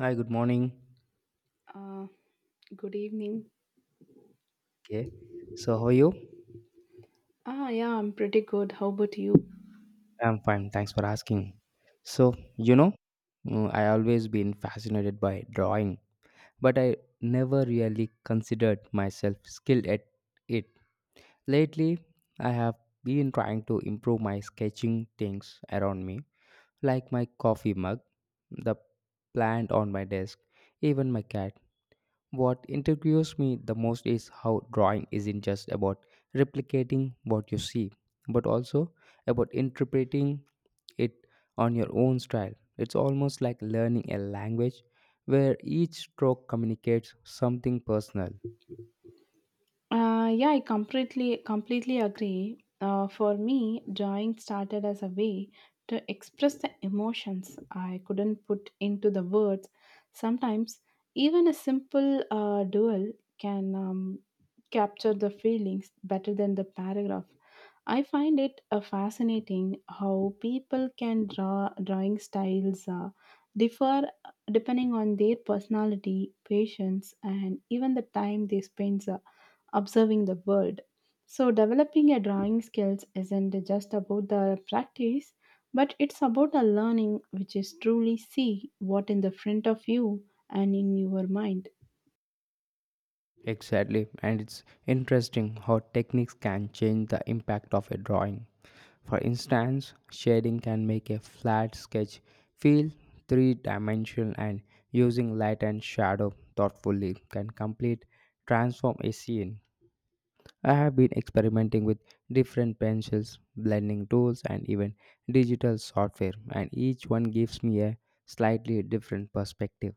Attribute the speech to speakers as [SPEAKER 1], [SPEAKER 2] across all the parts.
[SPEAKER 1] Hi, good morning.
[SPEAKER 2] Uh, Good evening.
[SPEAKER 1] Okay. So, how are you?
[SPEAKER 2] Yeah, I'm pretty good. How about you?
[SPEAKER 1] I'm fine. Thanks for asking. So, I always been fascinated by drawing, but I never really considered myself skilled at it. Lately, I have been trying to improve my sketching things around me, like my coffee mug, the plant on my desk, even my cat. What intrigues me the most is how drawing isn't just about replicating what you see, but also about interpreting it on your own style. It's almost like learning a language where each stroke communicates something personal.
[SPEAKER 2] Yeah, I completely agree. For me, drawing started as a way to express the emotions I couldn't put into the words. Sometimes, even a simple duel can capture the feelings better than the paragraph. I find it fascinating how people can draw drawing styles differ depending on their personality, patience, and even the time they spend. Observing the world. So, developing a drawing skills isn't just about the practice, but it's about a learning which is truly see what in the front of you and in your mind.
[SPEAKER 1] Exactly, and it's interesting how techniques can change the impact of a drawing. For instance, shading can make a flat sketch feel three dimensional, and using light and shadow thoughtfully can complete transform a scene. I have been experimenting with different pencils, blending tools, and even digital software, and each one gives me a slightly different perspective.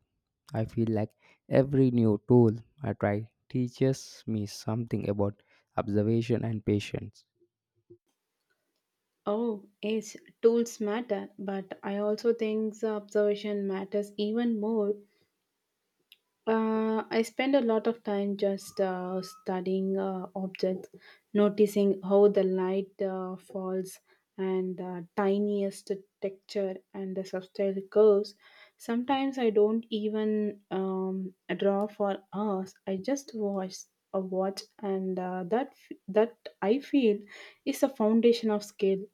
[SPEAKER 1] I feel like every new tool I try teaches me something about observation and patience.
[SPEAKER 2] Oh, yes, tools matter, but I also think the observation matters even more. I spend a lot of time just studying objects, noticing how the light falls and the tiniest texture and the subtle curves. Sometimes I don't even draw for hours. I just watch a watch, and that I feel is the foundation of skill.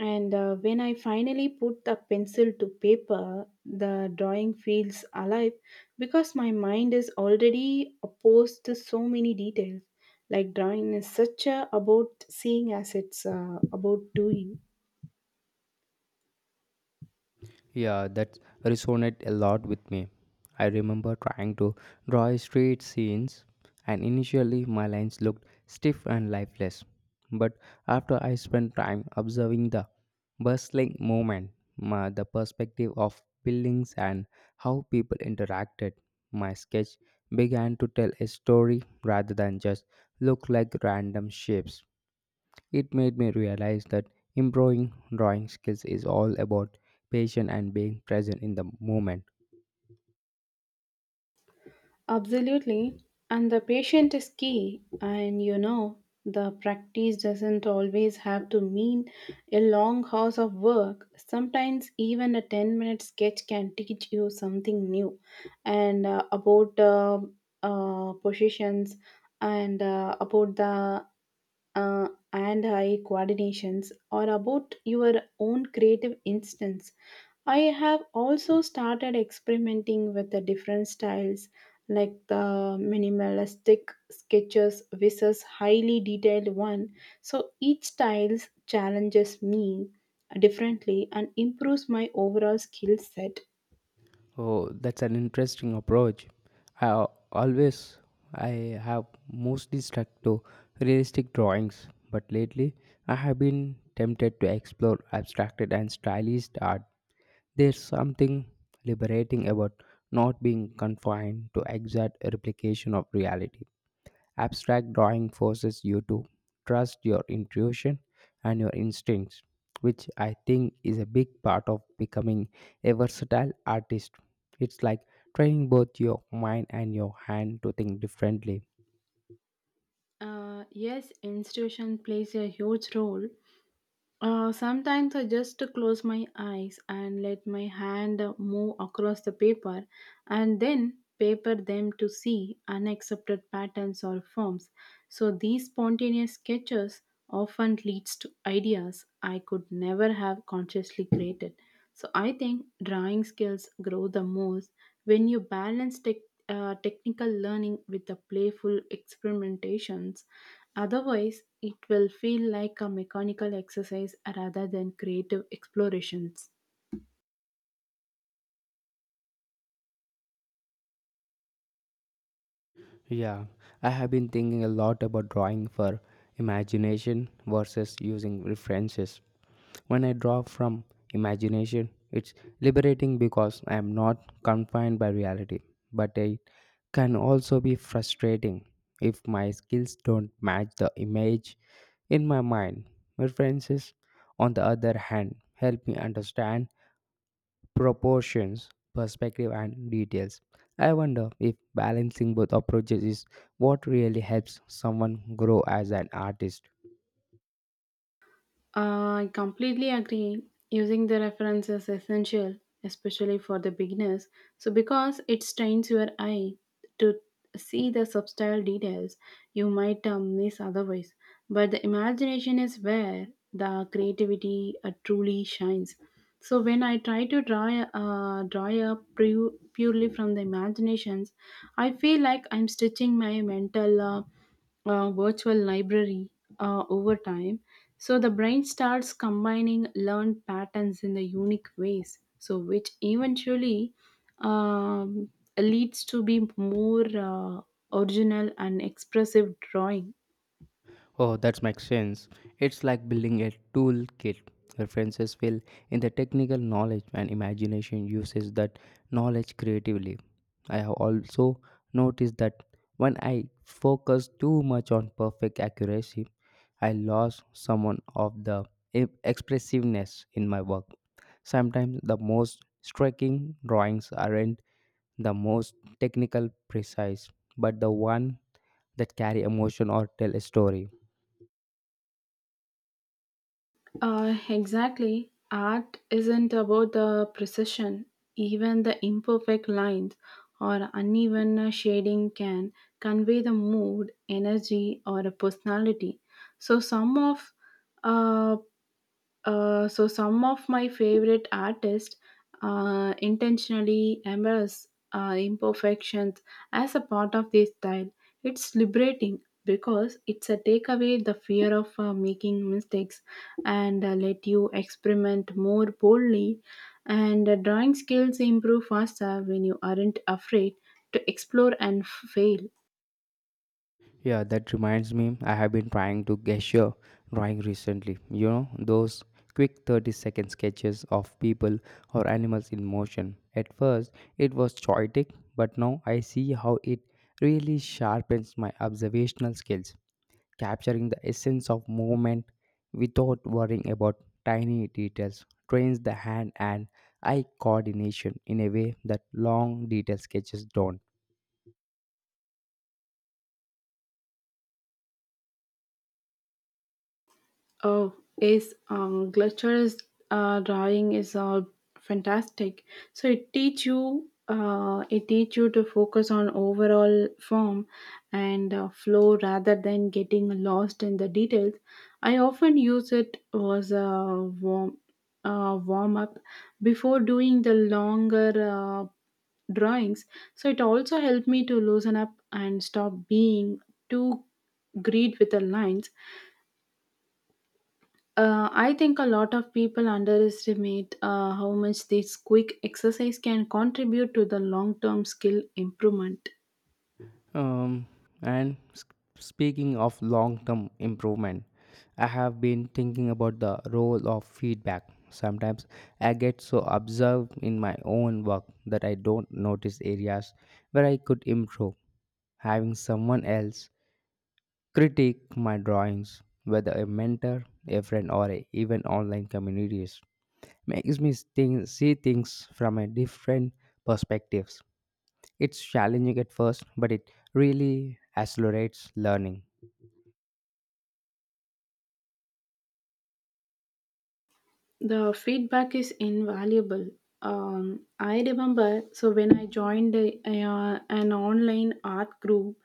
[SPEAKER 2] And When I finally put the pencil to paper, the drawing feels alive because my mind is already opposed to so many details. Like drawing is such a about seeing as it's about doing.
[SPEAKER 1] Yeah, that resonated a lot with me. I remember trying to draw street scenes, and initially my lines looked stiff and lifeless. But after I spent time observing the bustling movement, my, the perspective of buildings, and how people interacted, my sketch began to tell a story rather than just look like random shapes. It made me realize that improving drawing skills is all about patience and being present in the moment.
[SPEAKER 2] Absolutely. And the patient is key. And you know, the practice doesn't always have to mean a long hours of work. Sometimes, even a 10-minute sketch can teach you something new and about positions and about the uh, and eye coordinations or about your own creative instance. I have also started experimenting with the different styles like the minimalistic sketches versus highly detailed one. So each style challenges me differently and improves my overall skill set.
[SPEAKER 1] Oh, that's an interesting approach. I always I have mostly stuck to realistic drawings, but lately I have been tempted to explore abstracted and stylized art. There's something liberating about not being confined to exact replication of reality. Abstract drawing forces you to trust your intuition and your instincts, which I think is a big part of becoming a versatile artist. It's like training both your mind and your hand to think differently.
[SPEAKER 2] Yes, institution plays a huge role. Sometimes I just close my eyes and let my hand move across the paper and then paper them to see unaccepted patterns or forms. So these spontaneous sketches often leads to ideas I could never have consciously created. So I think drawing skills grow the most when you balance technical learning with the playful experimentations. Otherwise, it will feel like a mechanical exercise rather than creative explorations.
[SPEAKER 1] Yeah, I have been thinking a lot about drawing for imagination versus using references. When I draw from imagination, it's liberating because I am not confined by reality, but it can also be frustrating if my skills don't match the image in my mind. References, on the other hand, help me understand proportions, perspective, and details. I wonder if balancing both approaches is what really helps someone grow as an artist.
[SPEAKER 2] I completely agree. Using the reference is essential, especially for the beginners. So, because it strains your eye to see the subtle details, you might miss otherwise. But the imagination is where the creativity truly shines. So when I try to draw a- draw up pu- purely from the imaginations, I feel like I'm stitching my mental virtual library over time. So the brain starts combining learned patterns in the unique ways. So which eventually um, leads to be more original and expressive drawing.
[SPEAKER 1] Oh, that makes sense. It's like building a toolkit. References fill in the technical knowledge, and imagination uses that knowledge creatively. I have also noticed that when I focus too much on perfect accuracy, I lost some of the expressiveness in my work. Sometimes the most striking drawings aren't the most technical precise, but the one that carry emotion or tell a story.
[SPEAKER 2] Exactly. Art isn't about the precision. Even the imperfect lines or uneven shading can convey the mood, energy, or a personality. So, some of uh, so some of my favorite artists intentionally embrace imperfections as a part of their style. It's liberating because it's a take away the fear of making mistakes and let you experiment more boldly. And Drawing skills improve faster when you aren't afraid to explore and fail.
[SPEAKER 1] Yeah, that reminds me I have been trying to gesture drawing recently. You know, those quick 30-second sketches of people or animals in motion. At first it was chaotic, but now I see how it really sharpens my observational skills. Capturing the essence of movement without worrying about tiny details trains the hand and eye coordination in a way that long detail sketches don't.
[SPEAKER 2] Oh, yes, Glitcher's drawing is fantastic. So it teach you to focus on overall form and flow rather than getting lost in the details. I often use it as a warm up before doing the longer drawings. So it also helped me to loosen up and stop being too greed with the lines. I think a lot of people underestimate how much this quick exercise can contribute to the long term skill improvement.
[SPEAKER 1] Um, and speaking of long term improvement, I have been thinking about the role of feedback. Sometimes I get so absorbed in my own work that I don't notice areas where I could improve having someone else critique my drawings, whether a mentor, a friend, or a, even online communities, makes me think, see things from a different perspectives. It's challenging at first, but it really accelerates learning.
[SPEAKER 2] The feedback is invaluable. I remember, so when I joined an online art group,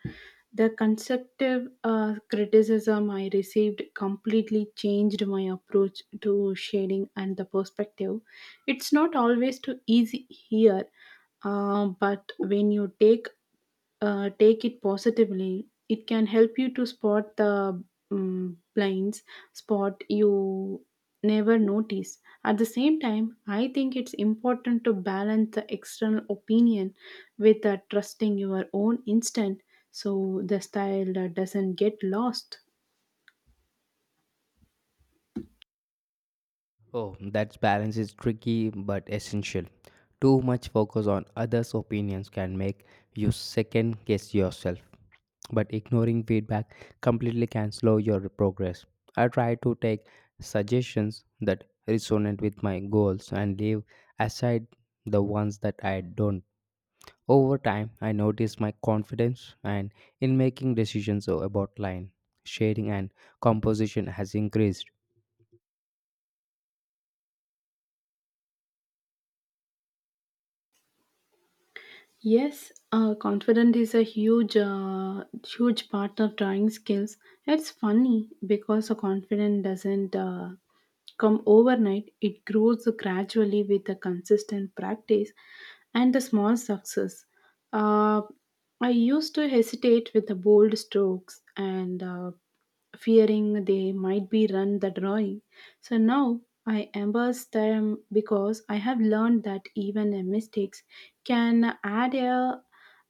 [SPEAKER 2] the constructive criticism I received completely changed my approach to shading and the perspective. It's not always too easy here, but when you take it positively. It can help you to spot the blinds spot you never notice. At the same time, I think it's important to balance the external opinion with trusting your own instinct so the style doesn't get lost.
[SPEAKER 1] Oh, that balance is tricky but essential. Too much focus on others' opinions can make you second guess yourself, but ignoring feedback completely can slow your progress. I try to take suggestions that resonate with my goals and leave aside the ones that I don't. Over time, I notice my confidence and in making decisions about line, shading, and composition has increased.
[SPEAKER 2] Yes, confidence is a huge part of drawing skills. It's funny because a confident doesn't come overnight, it grows gradually with a consistent practice and a small success. Uh, I used to hesitate with the bold strokes and fearing they might be run the drawing. So now I embrace them because I have learned that even a mistakes can add a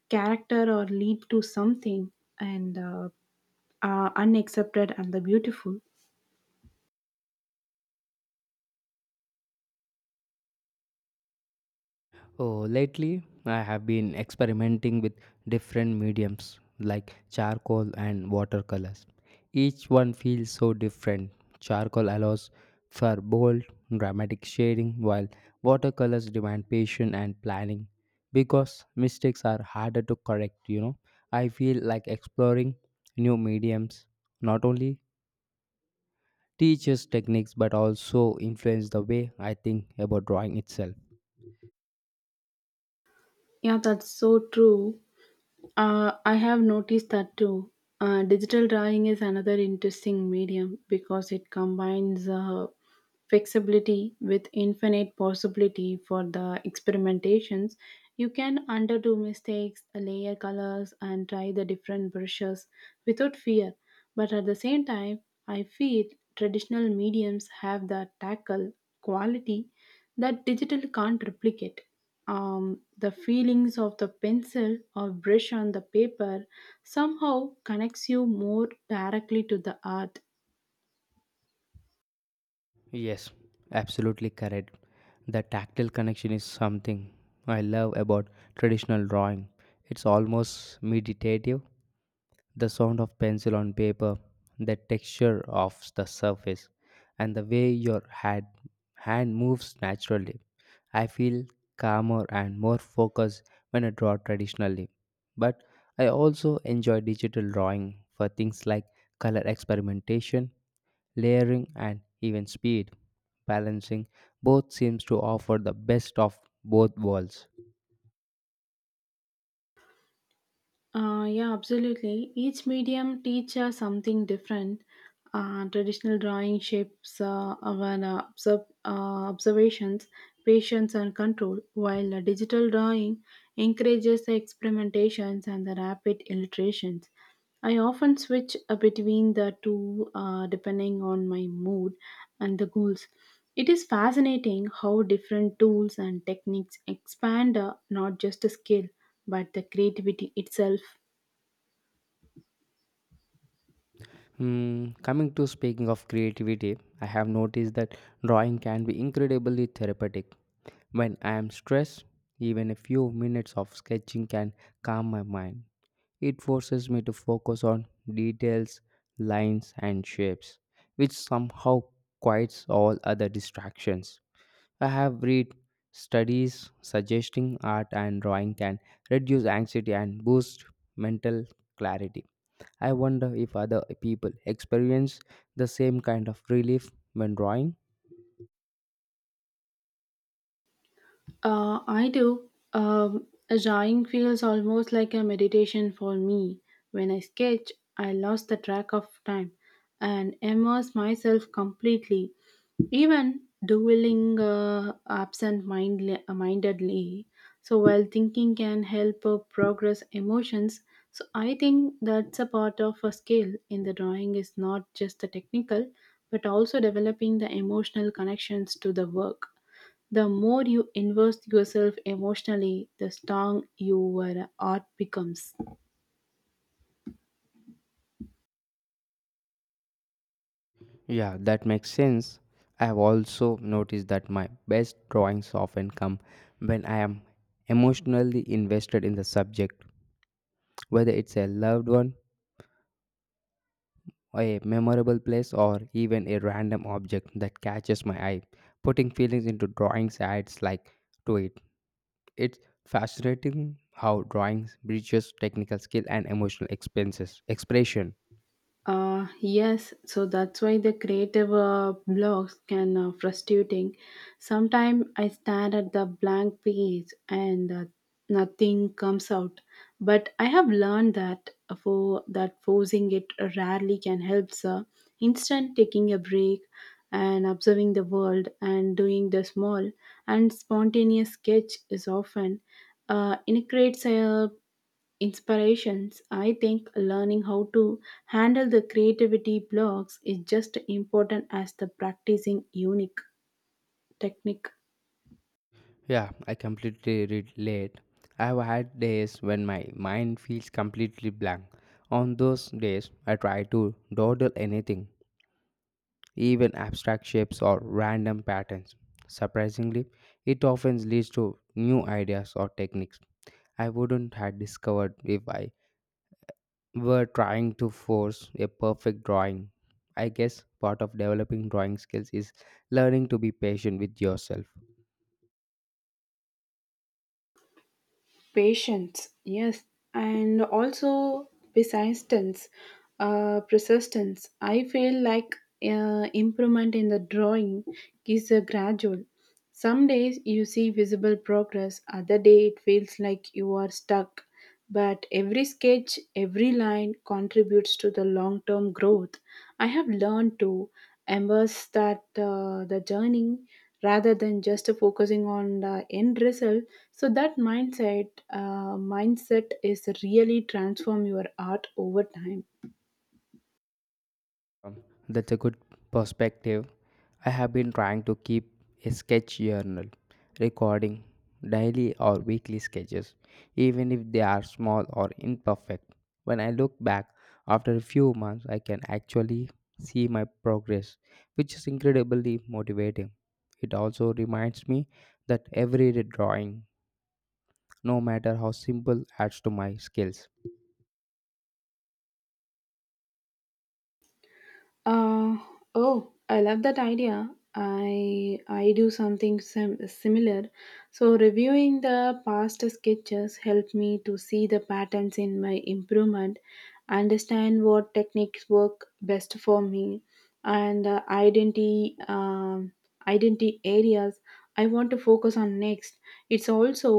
[SPEAKER 2] character or lead to something and are unaccepted and the beautiful.
[SPEAKER 1] Oh, lately I have been experimenting with different mediums like charcoal and watercolors. Each one feels so different. Charcoal allows for bold, dramatic shading, while watercolors demand patience and planning because mistakes are harder to correct. You know, I feel like exploring new mediums not only teaches techniques but also influence the way I think about drawing itself.
[SPEAKER 2] Yeah, that's so true. I have noticed that too. Digital drawing is another interesting medium because it combines flexibility with infinite possibility for the experimentations. You can underdo mistakes, layer colors, and try the different brushes without fear. But at the same time, I feel traditional mediums have the tackle quality that digital can't replicate. The feelings of the pencil or brush on the paper somehow connects you more directly to the art.
[SPEAKER 1] Yes, absolutely correct. The tactile connection is something I love about traditional drawing. It's almost meditative. The sound of pencil on paper, the texture of the surface, and the way your hand moves naturally. I feel calmer and more focused when I draw traditionally. But I also enjoy digital drawing for things like color experimentation layering, and even speed. Balancing both seems to offer the best of both worlds.
[SPEAKER 2] Yeah, absolutely. Each medium teaches something different. Traditional drawing shapes our observ- observations, patience, and control, while digital drawing encourages the experimentations and the rapid illustrations. I often switch between the two depending on my mood and the goals. It is fascinating how different tools and techniques expand not just a skill but the creativity itself.
[SPEAKER 1] Coming to speaking of creativity, I have noticed that drawing can be incredibly therapeutic. When I am stressed, even a few minutes of sketching can calm my mind. It forces me to focus on details, lines, and shapes, which somehow quiets all other distractions. I have read studies suggesting art and drawing can reduce anxiety and boost mental clarity. I wonder if other people experience the same kind of relief when drawing.
[SPEAKER 2] I do. Drawing feels almost like a meditation for me. When I sketch, I lost the track of time and immerse myself completely. Even doodling absent-mindedly, so while thinking can help progress emotions. So I think that's a part of a skill in the drawing is not just the technical, but also developing the emotional connections to the work. The more you invest yourself emotionally, the strong your art becomes.
[SPEAKER 1] Yeah, that makes sense. I have also noticed that my best drawings often come when I am emotionally invested in the subject, whether it's a loved one, a memorable place, or even a random object that catches my eye. Putting feelings into drawings adds like to it. It's fascinating how drawings bridges technical skill and emotional expenses expression.
[SPEAKER 2] Yes, so that's why the creative blocks can frustrating. Sometimes I stand at the blank page and nothing comes out. But I have learned that for that forcing it rarely can help. Sir, instant taking a break and observing the world and doing the small and spontaneous sketch is often it creates a inspirations, I think learning how to handle the creativity blocks is just important as the practicing unique technique.
[SPEAKER 1] Yeah, I completely relate. I've had days when my mind feels completely blank. On those days, I try to dawdle anything, even abstract shapes or random patterns. Surprisingly, it often leads to new ideas or techniques I wouldn't have discovered if I were trying to force a perfect drawing. I guess part of developing drawing skills is learning to be patient with yourself.
[SPEAKER 2] Patience, yes, and also persistence. Persistence. I feel like improvement in the drawing is a gradual. Some days you see visible progress, other day it feels like you are stuck. But every sketch, every line contributes to the long term growth. I have learned to embrace that the journey rather than just focusing on the end result. So that mindset is really transform your art over time.
[SPEAKER 1] Um, That's a good perspective. I have been trying to keep a sketch journal, recording daily or weekly sketches, even if they are small or imperfect. When I look back after a few months, I can actually see my progress, which is incredibly motivating. It also reminds me that every drawing, no matter how simple, adds to my skills.
[SPEAKER 2] Uh, oh, I love that idea. I do something similar. So reviewing the past sketches helped me to see the patterns in my improvement, understand what techniques work best for me, and identity areas I want to focus on next. It's also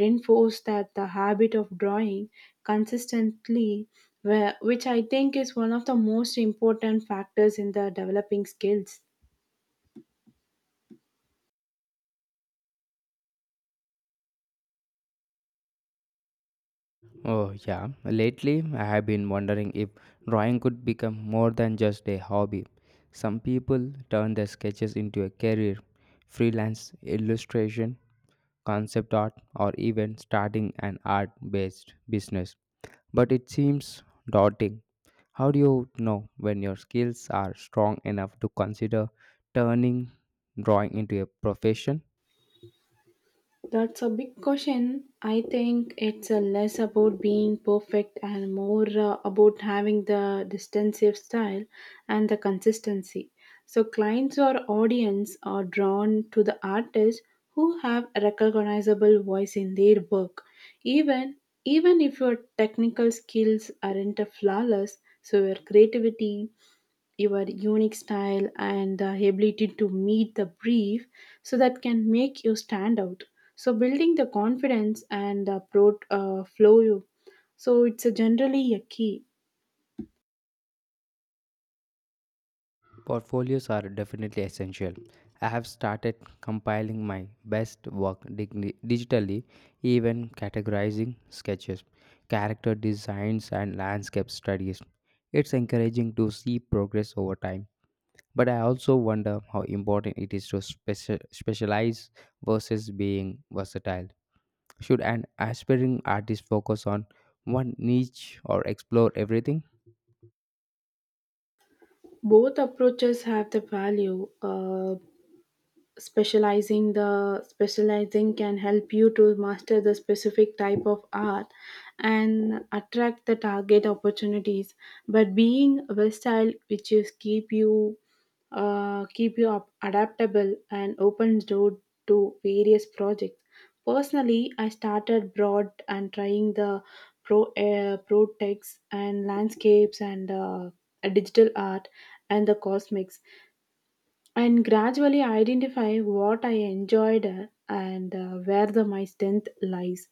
[SPEAKER 2] reinforced that the habit of drawing consistently where, which I think is one of the most important factors in the developing skills.
[SPEAKER 1] Oh, yeah. Lately, I have been wondering if drawing could become more than just a hobby. Some people turn their sketches into a career, freelance illustration, concept art, or even starting an art based business. But it seems daunting. How do you know when your skills are strong enough to consider turning drawing into a profession?
[SPEAKER 2] That's a big question. I think it's less about being perfect and more about having the distinctive style and the consistency. So, clients or audience are drawn to the artists who have a recognizable voice in their work, even even if your technical skills aren't flawless. So, your creativity your unique style and the ability to meet the brief so that can make you stand out so building the confidence and the flow you so it's a generally a key.
[SPEAKER 1] Portfolios are definitely essential. I have started compiling my best work digitally, even categorizing sketches, character designs, and landscape studies. It's encouraging to see progress over time. But I also wonder how important it is to specialize versus being versatile. Should an aspiring artist focus on one niche or explore everything?
[SPEAKER 2] Both approaches have the value. Specializing the specializing can help you to master the specific type of art and attract the target opportunities but being versatile which is keep you up adaptable and opens door to various projects. Personally I started broad and trying the pro techs and landscapes and digital art and the cosmics and gradually identify what I enjoyed and where the my strength lies.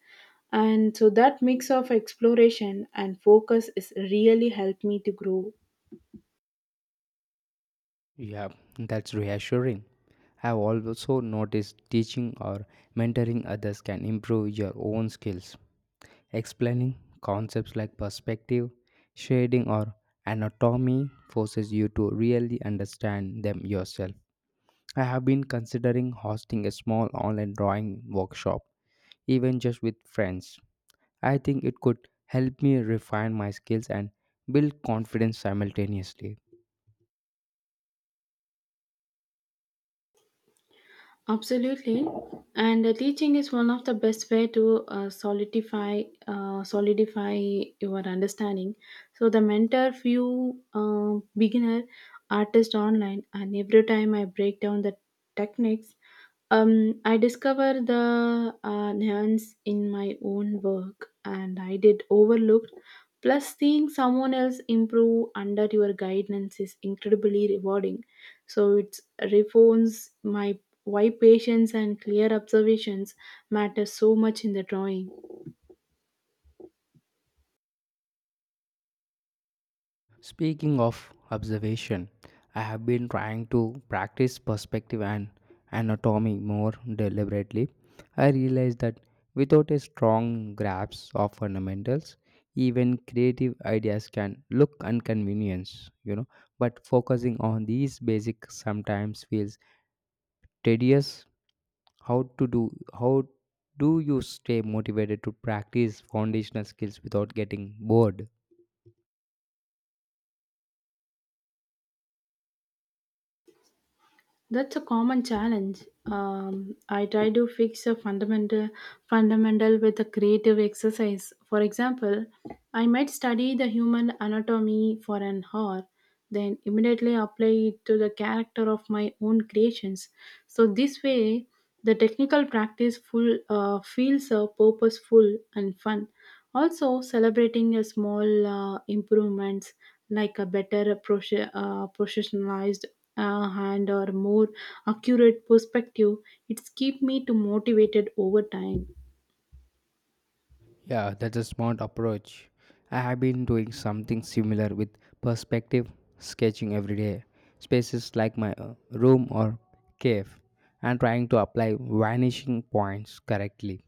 [SPEAKER 2] And so that mix of exploration and focus is really helped me to grow.
[SPEAKER 1] Yeah, that's reassuring. I've also noticed teaching or mentoring others can improve your own skills. Explaining concepts like perspective, shading, or anatomy forces you to really understand them yourself. I have been considering hosting a small online drawing workshop, even just with friends. I think it could help me refine my skills and build confidence simultaneously.
[SPEAKER 2] Absolutely, and teaching is one of the best way to solidify your understanding. So the mentor few beginner artist online, and every time I break down the techniques I discovered the nuance in my own work, and I did overlooked. Plus, seeing someone else improve under your guidance is incredibly rewarding. So it reforms my why patience and clear observations matter so much in the drawing.
[SPEAKER 1] Speaking of observation, I have been trying to practice perspective and anatomy more deliberately. I realized that without a strong grasp of fundamentals, even creative ideas can look inconvenience, you know. But focusing on these basics sometimes feels tedious. How do you stay motivated to practice foundational skills without getting bored?
[SPEAKER 2] That's a common challenge. I try to fix a fundamental with a creative exercise. For example, I might study the human anatomy for an hour, then immediately apply it to the character of my own creations. So this way, the technical practice feels purposeful and fun. Also, celebrating a small improvements like a better professionalized hand or more accurate perspective, it's keep me to motivated over time.
[SPEAKER 1] Yeah, that's a smart approach. I have been doing something similar with perspective sketching every day, spaces like my room or cave, and trying to apply vanishing points correctly.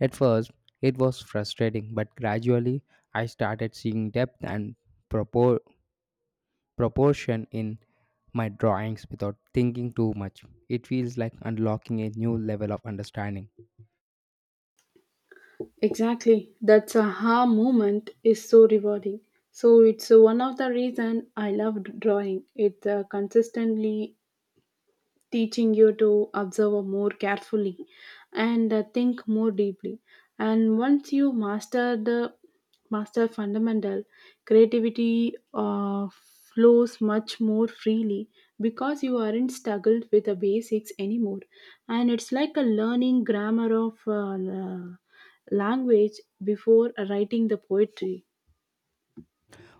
[SPEAKER 1] At first, it was frustrating, but gradually, I started seeing depth and propor- proportion in my drawings without thinking too much. It feels like unlocking a new level of understanding.
[SPEAKER 2] Exactly, that's a aha moment is so rewarding. So it's one of the reason I love drawing. It consistently teaching you to observe more carefully and think more deeply. And once you master the master fundamental, creativity flows much more freely because you aren't struggled with the basics anymore. And it's like a learning grammar of language before writing the poetry.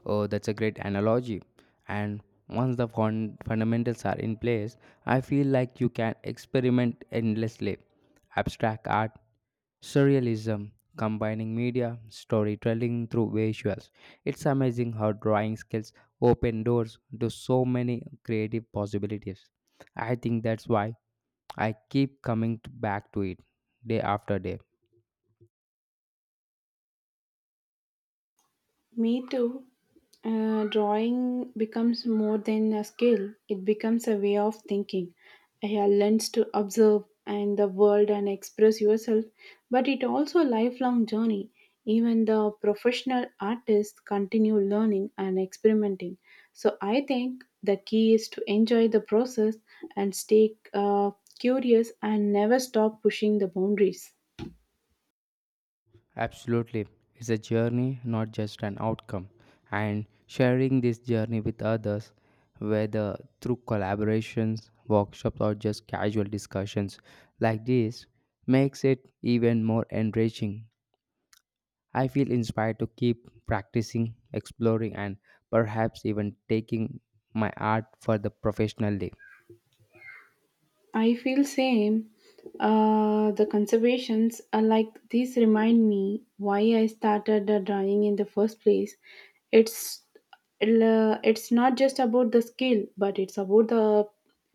[SPEAKER 1] Oh, that's a great analogy. And once the fundamentals are in place, I feel like you can experiment endlessly. Abstract art, surrealism, combining media, storytelling through visuals. It's amazing how drawing skills open doors to so many creative possibilities. I think that's why I keep coming back to it day after day.
[SPEAKER 2] Me too. Drawing becomes more than a skill, it becomes a way of thinking. I have to observe and the world and express yourself, but it also a lifelong journey. Even the professional artists continue learning and experimenting. So I think the key is to enjoy the process and stay curious and never stop pushing the boundaries.
[SPEAKER 1] Absolutely. It's a journey, not just an outcome. And sharing this journey with others, whether through collaborations, workshops, or just casual discussions like this, makes it even more enriching. I feel inspired to keep practicing, exploring, and perhaps even taking my art for the professional day.
[SPEAKER 2] I feel same. The conservations are like these remind me why I started drawing in the first place. It's it's not just about the skill, but it's about the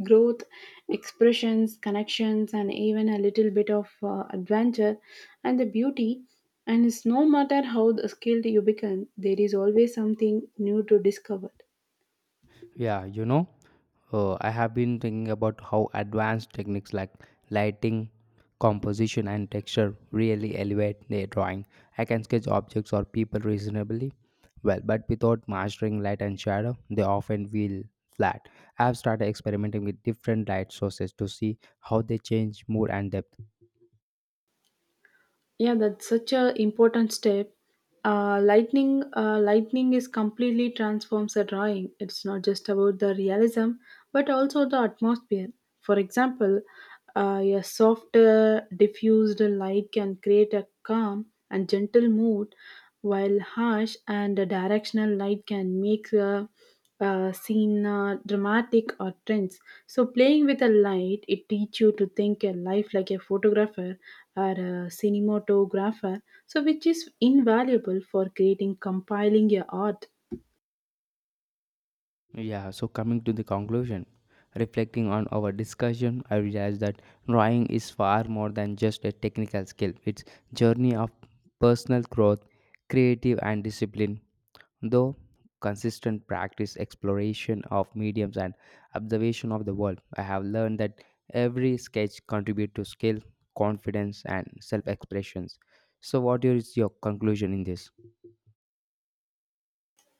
[SPEAKER 2] growth, expressions, connections, and even a little bit of adventure and the beauty. And it's no matter how the skilled you become, there is always something new to discover.
[SPEAKER 1] Yeah, I have been thinking about how advanced techniques like lighting, composition, and texture really elevate the drawing. I can sketch objects or people reasonably well, but without mastering light and shadow, they often feel flat. I have started experimenting with different light sources to see how they change mood and depth.
[SPEAKER 2] Yeah, that's such a important step. Lightning is completely transforms a drawing. It's not just about the realism, but also the atmosphere. For example, a soft, diffused light can create a calm and gentle mood, while harsh and directional light can make seen dramatic or trends. So playing with a light, it teach you to think a life like a photographer or a cinematographer. So which is invaluable for creating, compiling your art.
[SPEAKER 1] Yeah, so coming to the conclusion, reflecting on our discussion, I realized that drawing is far more than just a technical skill. It's journey of personal growth, creative and discipline. Though consistent practice, exploration of mediums and observation of the world, I have learned that every sketch contribute to skill, confidence and self-expressions. So what is your conclusion in this?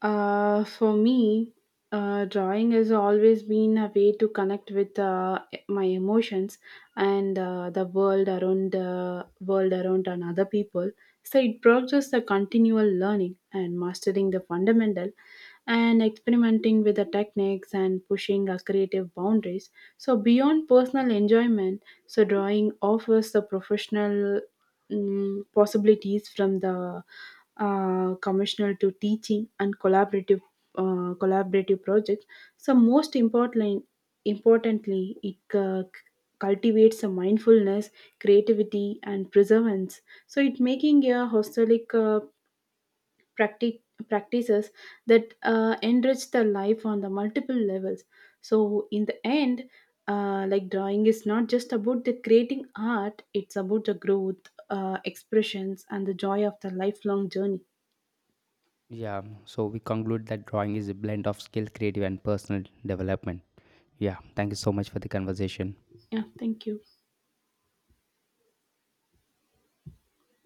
[SPEAKER 2] For me, drawing has always been a way to connect with my emotions and the world around and other people. So it progresses the continual learning and mastering the fundamental and experimenting with the techniques and pushing our creative boundaries. So beyond personal enjoyment, so drawing offers the professional possibilities from the commissioner to teaching and collaborative collaborative projects. So most importantly, importantly, it cultivates a mindfulness, creativity, and perseverance. So it making a hostelic practi- practices that enrich the life on the multiple levels so in the end like drawing is not just about the creating art it's about the growth expressions and the joy of the lifelong journey.
[SPEAKER 1] Yeah, so we conclude that drawing is a blend of skill, creative, and personal development. Yeah, thank you so much for the conversation.
[SPEAKER 2] Yeah, thank you.